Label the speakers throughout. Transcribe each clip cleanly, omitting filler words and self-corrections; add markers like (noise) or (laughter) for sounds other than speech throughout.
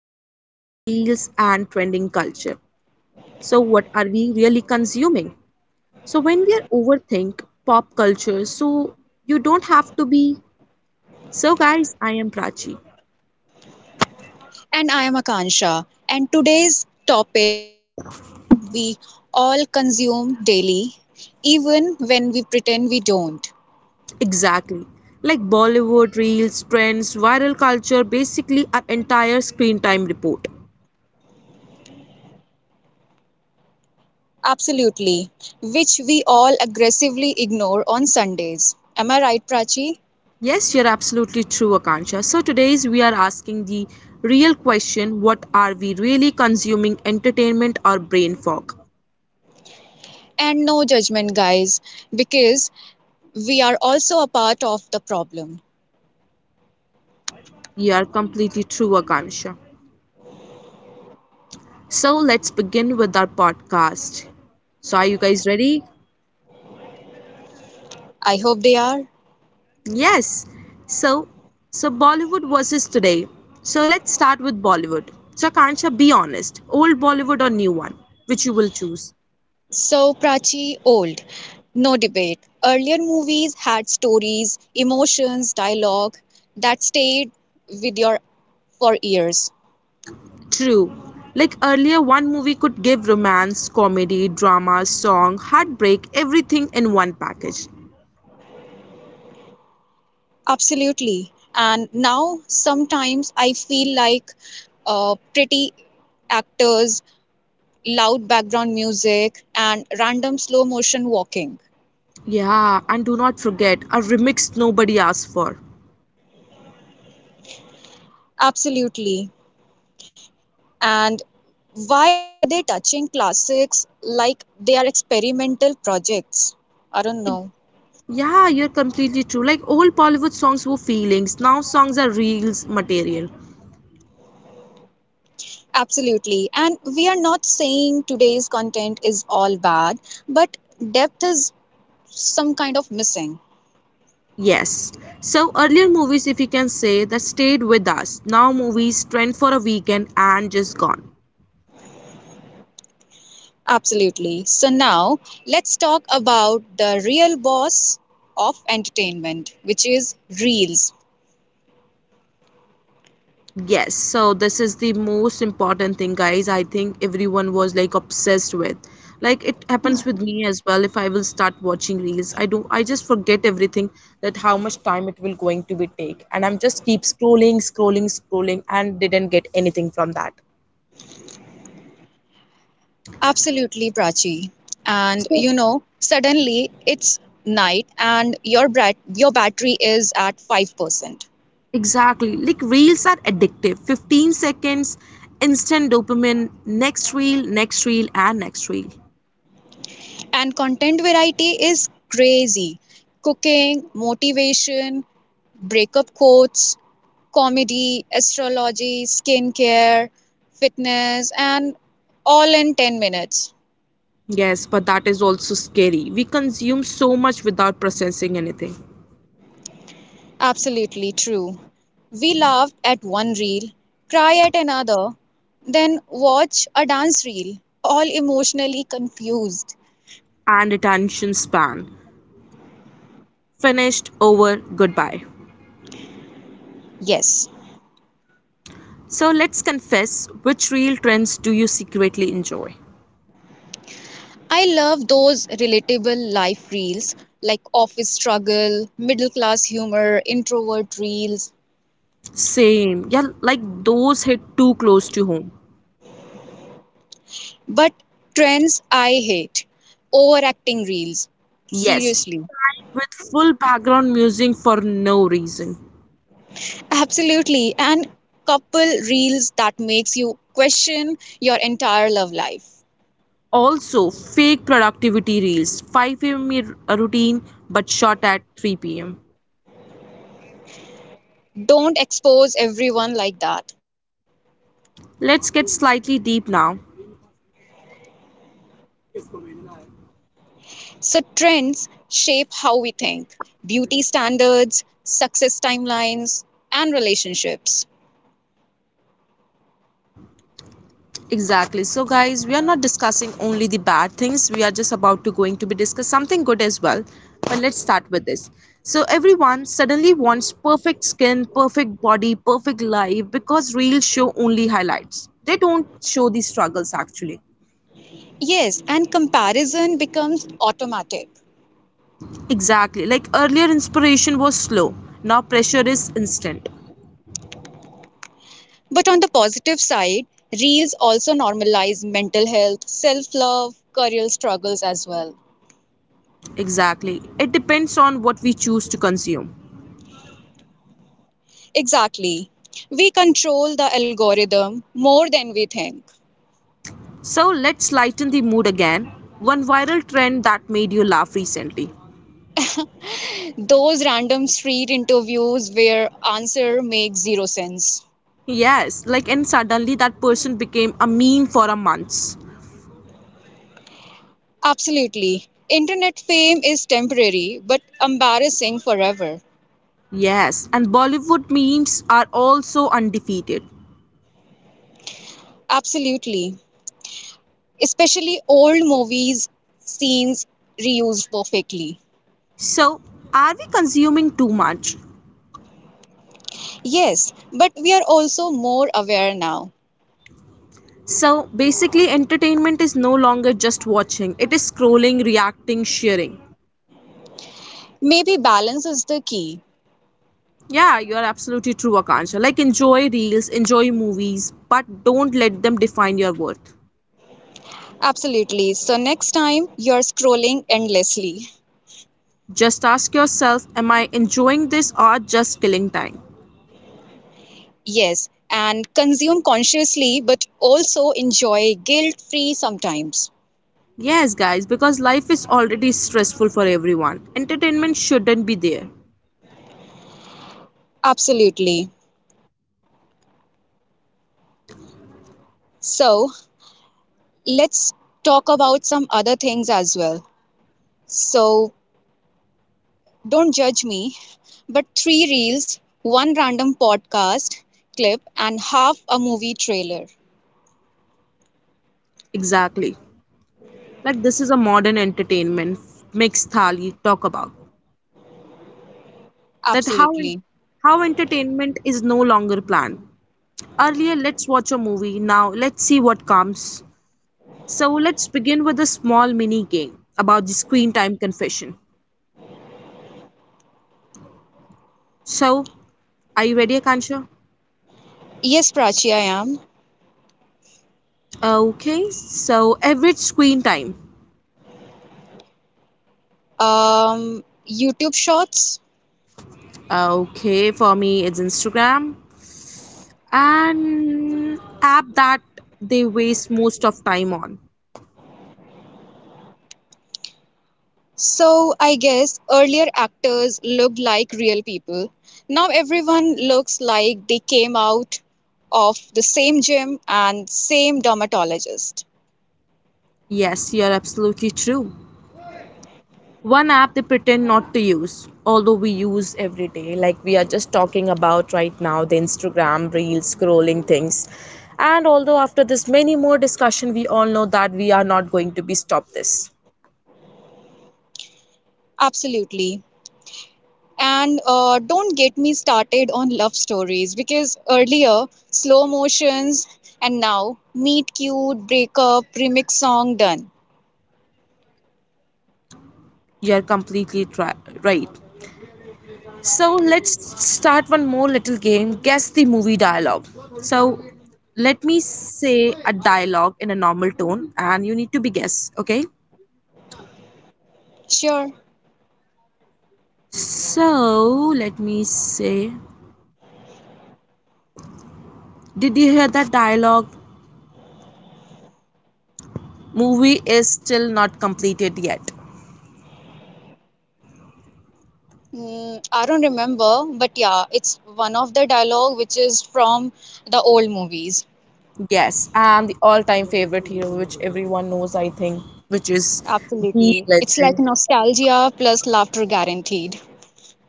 Speaker 1: Bollywood reels and trending culture. So, what are we really consuming? So, when we are overthink pop culture, so you don't have to be. So, guys, I am Prachi.
Speaker 2: And I am Akansha. And today's topic is something we all consume daily, even when we pretend we don't.
Speaker 1: Exactly. Like Bollywood reels, trends, viral culture, basically our entire screen time report.
Speaker 2: Absolutely. Which we all aggressively ignore on Sundays. Am I right, Prachi?
Speaker 1: Yes, you're absolutely true, Akansha. So, today's we are asking the real question what are we really consuming, entertainment or brain fog?
Speaker 2: And no judgment, guys, because we are also a part of the problem.
Speaker 1: You are completely true, Akansha. So, let's begin with our podcast. So, are you guys ready?
Speaker 2: I hope they are.
Speaker 1: Yes. So, so Bollywood versus today. So, let's start with Bollywood. So, Akansha, be honest old Bollywood or new one? Which you will choose?
Speaker 2: So, Prachi, old. No debate. Earlier movies had stories, emotions, dialogue that stayed with your for years.
Speaker 1: True. Like earlier, one movie could give romance, comedy, drama, song, heartbreak, everything in one package.
Speaker 2: Absolutely. And now sometimes I feel like pretty actors, loud background music, and random slow motion walking.
Speaker 1: Yeah, and do not forget a remix nobody asked for.
Speaker 2: Absolutely. And why are they touching classics like they are experimental projects? I don't
Speaker 1: It-
Speaker 2: know.
Speaker 1: yeah, you're completely true. Like old Bollywood songs were feelings, now songs are reels material.
Speaker 2: Absolutely. And we are not saying today's content is all bad, but depth is some kind of missing.
Speaker 1: Yes. So earlier movies, if you can say, that stayed with us. Now movies trend for a weekend and just gone.
Speaker 2: Absolutely. So now let's talk about the real boss of entertainment, which is Reels.
Speaker 1: Yes, so this is the most important thing, guys. I think everyone was like obsessed with. Like it happens with me as well. If I will start watching reels, I do. I just forget everything that how much time it will going to be take, and I'm just keep scrolling, scrolling, scrolling, and didn't get anything from that.
Speaker 2: Absolutely, Prachi. And
Speaker 1: So
Speaker 2: you know, suddenly it's night and your battery is at 5%.
Speaker 1: exactly, like reels are addictive. 15 seconds, instant dopamine. Next reel, and next reel.
Speaker 2: And content variety is crazy: cooking, motivation, breakup quotes, comedy, astrology, skincare, fitness, and all in 10 minutes.
Speaker 1: Yes, but that is also scary. We consume so much without processing anything.
Speaker 2: Absolutely true. We laughed at one reel, cry at another, then watch a dance reel, all emotionally confused.
Speaker 1: And attention span. Finished, over, goodbye.
Speaker 2: Yes,
Speaker 1: So let's confess which real trends do you secretly enjoy?
Speaker 2: I love those relatable life reels like office struggle, middle class humor, introvert reels.
Speaker 1: Same, yeah, like those hit too close to home.
Speaker 2: But trends I hate, overacting reels.
Speaker 1: Yes,
Speaker 2: Seriously.
Speaker 1: crying with full background music for no reason.
Speaker 2: Absolutely. And couple reels that makes you question your entire love life.
Speaker 1: Also, fake productivity reels, 5 a.m. routine but shot at 3 pm.
Speaker 2: Don't expose everyone like that.
Speaker 1: Let's get slightly deep now.
Speaker 2: So trends shape how we think, beauty standards, success timelines, and relationships.
Speaker 1: Exactly. So guys, we are not discussing only the bad things. We are just about to going to be discuss something good as well. But let's start with this. So everyone suddenly wants perfect skin, perfect body, perfect life because reels show only highlights. They don't show the struggles actually.
Speaker 2: Yes, and comparison becomes automatic.
Speaker 1: Exactly. Like earlier inspiration was slow. Now pressure is instant.
Speaker 2: But on the positive side, reels also normalize mental health, self love, career struggles as well.
Speaker 1: Exactly. It depends on what we choose to consume.
Speaker 2: Exactly. We control the algorithm more than we think.
Speaker 1: So let's lighten the mood again. One viral trend that made you laugh recently.
Speaker 2: Those random street interviews where answer makes zero sense.
Speaker 1: Yes, like and suddenly that person became a meme for a month.
Speaker 2: Absolutely. Internet fame is temporary but embarrassing forever.
Speaker 1: Yes, and Bollywood memes are also undefeated.
Speaker 2: Absolutely, especially old movies scenes reused perfectly.
Speaker 1: So, are we consuming too much?
Speaker 2: Yes, but we are also more aware now.
Speaker 1: So, basically entertainment is no longer just watching. It is scrolling, reacting, sharing.
Speaker 2: Maybe balance is the key.
Speaker 1: Yeah, you are absolutely true, Akansha. Like enjoy reels, enjoy movies, but don't let them define your worth.
Speaker 2: Absolutely, so next time you're scrolling endlessly.
Speaker 1: Just ask yourself, am I enjoying this or just killing time?
Speaker 2: Yes, and consume consciously but also enjoy guilt free sometimes.
Speaker 1: Yes, guys, because life is already stressful for everyone. Entertainment shouldn't be there.
Speaker 2: Absolutely. So let's talk about some other things as well. So don't judge me, but three reels, one random podcast clip, and half a movie trailer.
Speaker 1: Exactly. Like this is a modern entertainment makes Thali talk about that how
Speaker 2: Absolutely.
Speaker 1: how entertainment is no longer planned. Earlier, let's watch a movie. Now, let's see what comes. So, let's begin with a small mini game about the screen time confession. So, are you ready, Akansha?
Speaker 2: Yes, Prachi, I am.
Speaker 1: Okay, so average screen time.
Speaker 2: Um, YouTube Shorts.
Speaker 1: Okay, for me it's Instagram. An app that they waste most of time on.
Speaker 2: So I guess earlier actors looked like real people. Now everyone looks like they came out of the same gym and same dermatologist.
Speaker 1: Yes, you're absolutely true. One app they pretend not to use, although we use every day, like we are just talking about right now the Instagram, Reels, scrolling things. And although after this many more discussion, we all know that we are not going to be stopped this.
Speaker 2: Absolutely. And don't get me started on love stories because earlier, slow motions, and now, meet cute, breakup, remix song done.
Speaker 1: You're completely tri- right. So let's start one more little game. Guess the movie dialogue. So let me say a dialogue in a normal tone and you need to be guess, okay?
Speaker 2: Sure.
Speaker 1: So let me say did you hear that dialogue? Movie is still not completed yet.
Speaker 2: Mm, I don't remember, but yeah, it's one of the dialogue which is from the old movies.
Speaker 1: Yes, and the all time favorite hero which everyone knows I think, which is the
Speaker 2: Absolutely. It's like
Speaker 1: legend.
Speaker 2: nostalgia plus laughter guaranteed.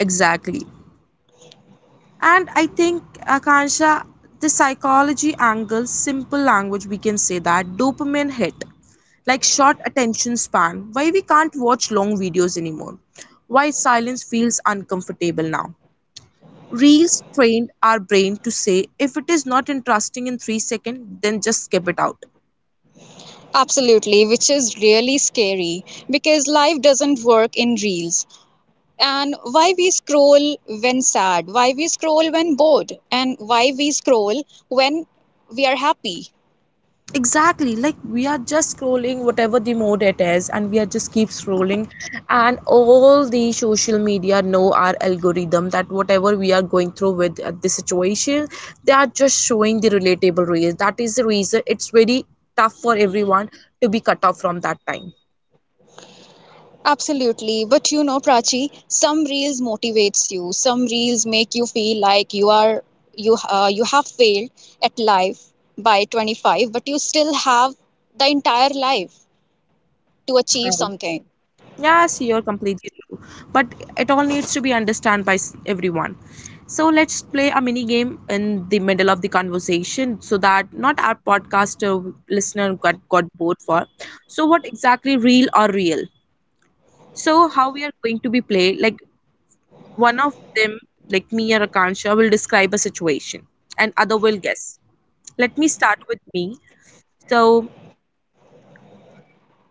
Speaker 1: Exactly. And I think, Akansha, the psychology angle, simple language, we can say that dopamine hit, like short attention span, why we can't watch long videos anymore, why silence feels uncomfortable now. Reels trained our brain to say if it is not interesting in 3 seconds, then just skip it out.
Speaker 2: Absolutely, which is really scary because life doesn't work in reels. And why we scroll when sad, why we scroll when bored, and why we scroll when we are happy.
Speaker 1: Exactly, like we are just scrolling whatever the mode it is and we are just keep scrolling, and all the social media know our algorithm that whatever we are going through with at this situation, they are just showing the relatable reels. That is the reason it's very tough for everyone to be cut off from that time.
Speaker 2: Absolutely. But you know, Prachi, some reels motivates you. Some reels make you feel like you are you have failed at life by 25, but you still have the entire life to achieve something.
Speaker 1: Yes, you're completely true. But it all needs to be understood by everyone. So let's play a mini game in the middle of the conversation so that not our podcaster listener got bored for. So what exactly real or real? So how we are going to be play, like one of them like me or Akansha will describe a situation and other will guess. Let me start with me. So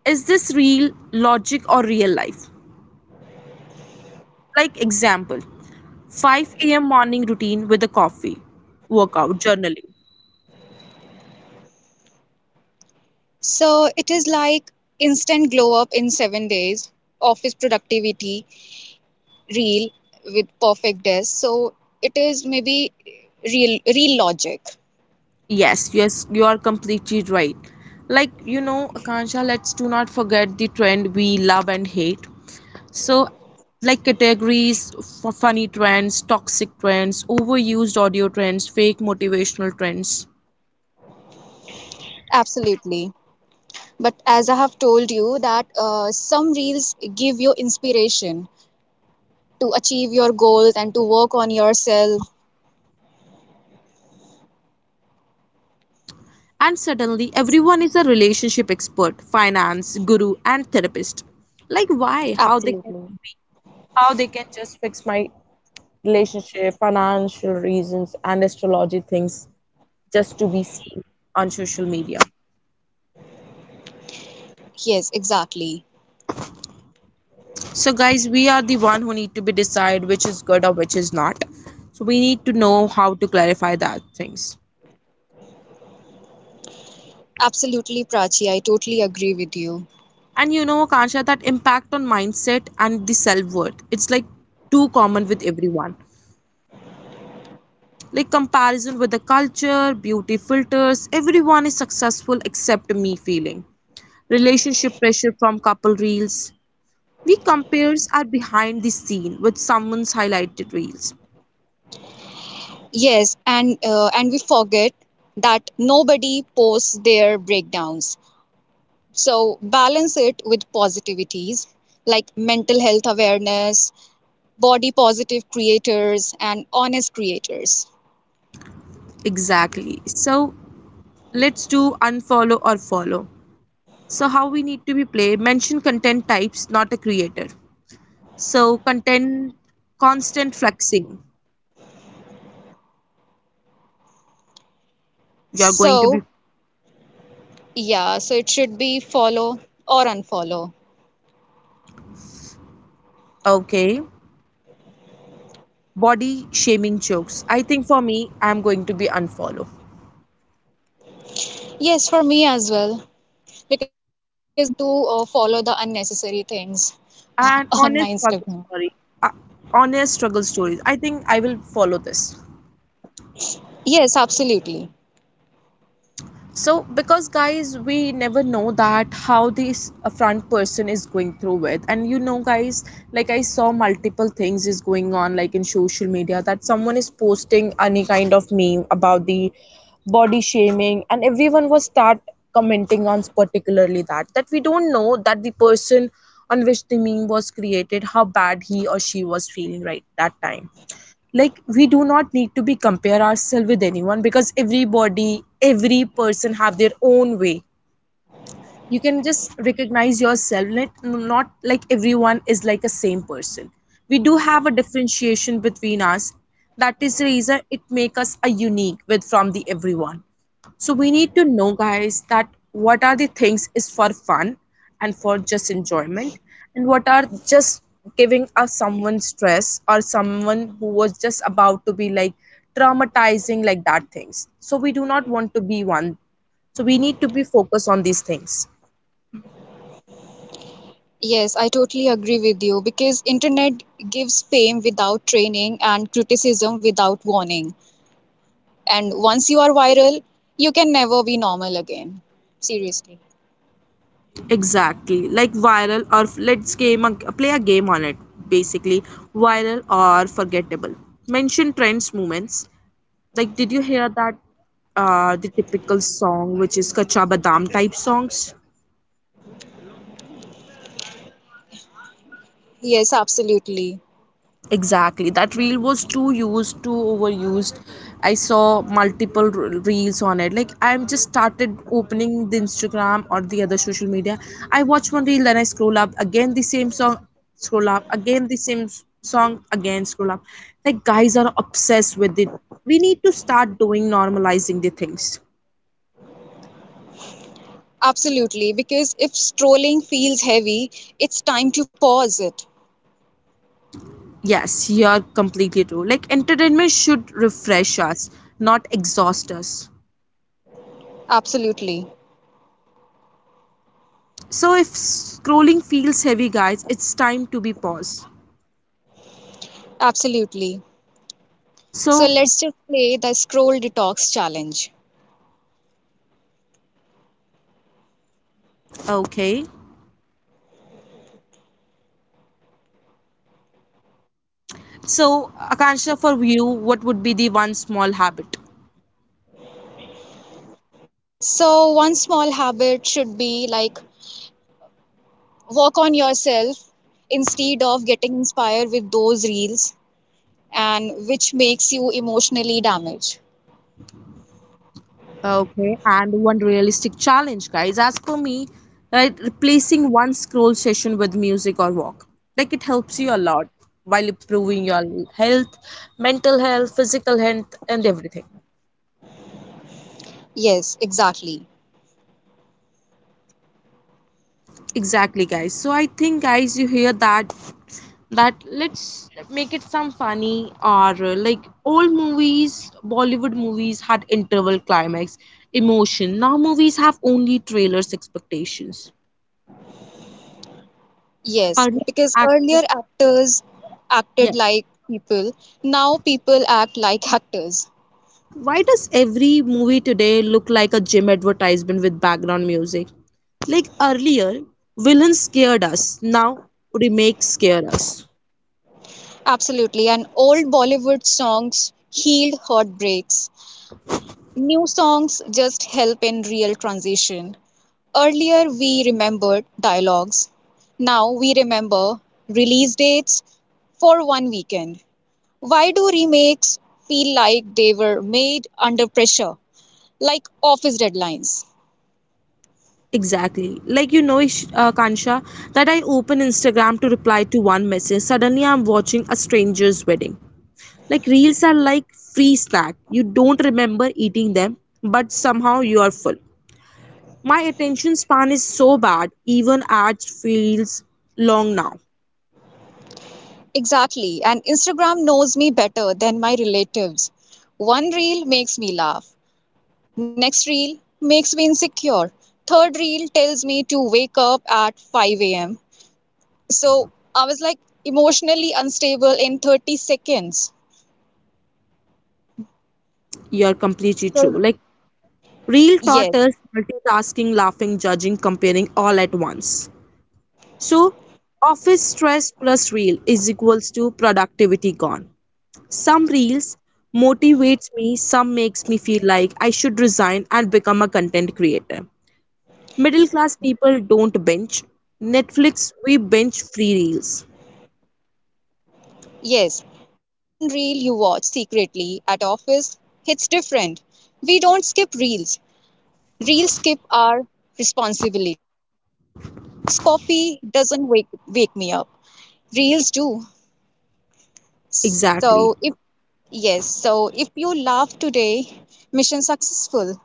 Speaker 1: is this real logic or real life? Like example 5 a.m. morning routine with a coffee, workout, journaling.
Speaker 2: So it is like instant glow up in 7 days, office productivity, real with perfect days. So it is maybe real logic.
Speaker 1: Yes, yes, you are completely right. Like, you know, Akansha, let's do not forget the trend we love and hate. So, like categories for funny trends, toxic trends, overused audio trends, fake motivational trends.
Speaker 2: Absolutely. But as I have told you that some reels give you inspiration to achieve your goals and to work on yourself.
Speaker 1: And suddenly, everyone is a relationship expert, finance, guru, and therapist. Like, why? How they can
Speaker 2: Absolutely.
Speaker 1: be? How they can just fix my relationship, financial reasons, and astrology things just to be seen on social media.
Speaker 2: Yes, exactly.
Speaker 1: So, guys, we are the one who need to be decide which is good or which is not. So we need to know how to clarify that things.
Speaker 2: Absolutely, Prachi. I totally agree with you.
Speaker 1: And you know, Akansha, that impact on mindset and the self worth. It's like too common with everyone. Like comparison with the culture, beauty filters, everyone is successful except me feeling. Relationship pressure from couple reels, we compares our behind the scene with someone's highlighted reels.
Speaker 2: Yes, and we forget that nobody posts their breakdowns. So balance it with positivities like mental health awareness, body positive creators and honest creators.
Speaker 1: Exactly. So let's do unfollow or follow. So how we need to be play mention content types, not a creator. So content constant flexing. You're going to be
Speaker 2: So, yeah, so it should be follow or unfollow.
Speaker 1: okay. Body shaming jokes. I think for me, I'm going to be unfollow.
Speaker 2: Yes, for me as well, because I don't want to follow the unnecessary things (laughs)
Speaker 1: And
Speaker 2: on my
Speaker 1: honest struggle
Speaker 2: Instagram.
Speaker 1: story. Uh, Honest struggle stories. I think I will follow this.
Speaker 2: Yes, absolutely.
Speaker 1: So because guys we never know that how this front person is going through with. And you know guys, like I saw multiple things is going on like in social media, that someone is posting any kind of meme about the body shaming and everyone was start commenting on particularly that, that we don't know that the person on which the meme was created how bad he or she was feeling right that time. Like we do not need to be compare ourselves with anyone because everybody, every person have their own way. You can just recognize yourself. Not like everyone is like a same person. We do have a differentiation between us. That is the reason it make us a unique with from the everyone. So we need to know guys that what are the things is for fun and for just enjoyment, and what are just giving us someone stress or someone who was just about to be like traumatizing, like that things. So we do not want to be one. So we need to be focused on these things.
Speaker 2: Yes, I totally agree with you because internet gives fame without training and criticism without warning. And once you are viral, you can never be normal again. Seriously.
Speaker 1: Exactly, like viral or let's play a game on it. Basically, viral or forgettable, mention trends movements. Like did you hear that the typical song which is kacha badam type songs?
Speaker 2: Yes, absolutely.
Speaker 1: Exactly, that reel was too used, too overused. I saw multiple reels on it. Like I'm just started opening the Instagram or the other social media, I watch one reel, then I scroll up again the same song, scroll up again the same song again, scroll up. Like guys are obsessed with it. We need to start doing normalizing the things.
Speaker 2: Absolutely, because if strolling feels heavy, it's time to pause it.
Speaker 1: Yes, you're completely true. Like entertainment should refresh us, not exhaust us.
Speaker 2: Absolutely,
Speaker 1: So if scrolling feels heavy, guys, it's time to be paused.
Speaker 2: absolutely. So
Speaker 1: So,
Speaker 2: let's just play the scroll detox challenge.
Speaker 1: okay. So, Akansha, for you, what would be the one small habit?
Speaker 2: So, one small habit should be like work on yourself instead of getting inspired with those reels and which makes you emotionally damaged.
Speaker 1: Okay, and one realistic challenge, guys. As per me, right, replacing one scroll session with music or walk. Like it helps you a lot while improving your health, mental health, physical health, and everything.
Speaker 2: Yes, exactly.
Speaker 1: Exactly, guys. So I think, guys, you hear that, that let's make it some funny or like old movies, Bollywood movies had interval, climax, emotion. Now movies have only trailers, expectations.
Speaker 2: Yes,
Speaker 1: Are
Speaker 2: because
Speaker 1: active.
Speaker 2: earlier actors acted
Speaker 1: Yes,
Speaker 2: like people, now people act like actors.
Speaker 1: why does every movie today look like a gym advertisement with background music? Like earlier villains scared us, now remakes scare us.
Speaker 2: Absolutely. And old Bollywood songs healed heartbreaks. New songs just help in real transition. Earlier, we remembered dialogues. Now we remember release dates for one weekend. Why do remakes feel like they were made under pressure, like office deadlines?
Speaker 1: Exactly. Like you know, Kansha, that I open Instagram to reply to one message. Suddenly, I'm watching a stranger's wedding. Like reels are like free snack. You don't remember eating them, but somehow you are full. My attention span is so bad. Even ads feels long now.
Speaker 2: Exactly. And Instagram knows me better than my relatives. One reel makes me laugh, next reel makes me insecure. Third reel tells me to wake up at 5 a.m. So I was like emotionally unstable in 30 seconds.
Speaker 1: You are completely true.
Speaker 2: So
Speaker 1: Like real taught
Speaker 2: yes,
Speaker 1: us multitasking, laughing, judging, comparing all at once. So, office stress plus real is equals to productivity gone. Some reels motivates me, some makes me feel like I should resign and become a content creator. Middle class people don't binge. Netflix, we binge free reels.
Speaker 2: yes. That one reel you watch secretly at office hits different. We don't skip reels. Reels skip our responsibilities. So office coffee doesn't wake me up. Reels do.
Speaker 1: Exactly.
Speaker 2: So if, yes, so if you laugh today, mission successful.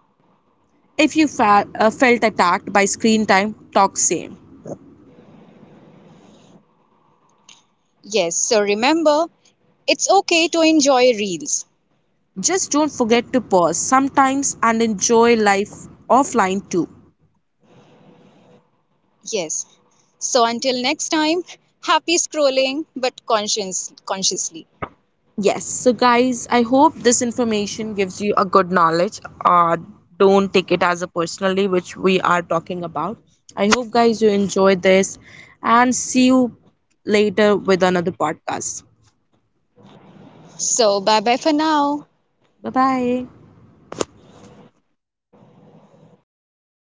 Speaker 1: If you felt attacked by screen time, talk same.
Speaker 2: Yes, so remember, it's okay to enjoy reels.
Speaker 1: Just don't forget to pause sometimes and enjoy life offline too.
Speaker 2: Yes. So until next time, happy scrolling but consciously.
Speaker 1: Yes. So, guys, I hope this information gives you a good knowledge. Don't take it as a personally, which we are talking about. I hope, guys, you enjoyed this and see you later with another podcast.
Speaker 2: So bye bye for now.
Speaker 1: Bye bye.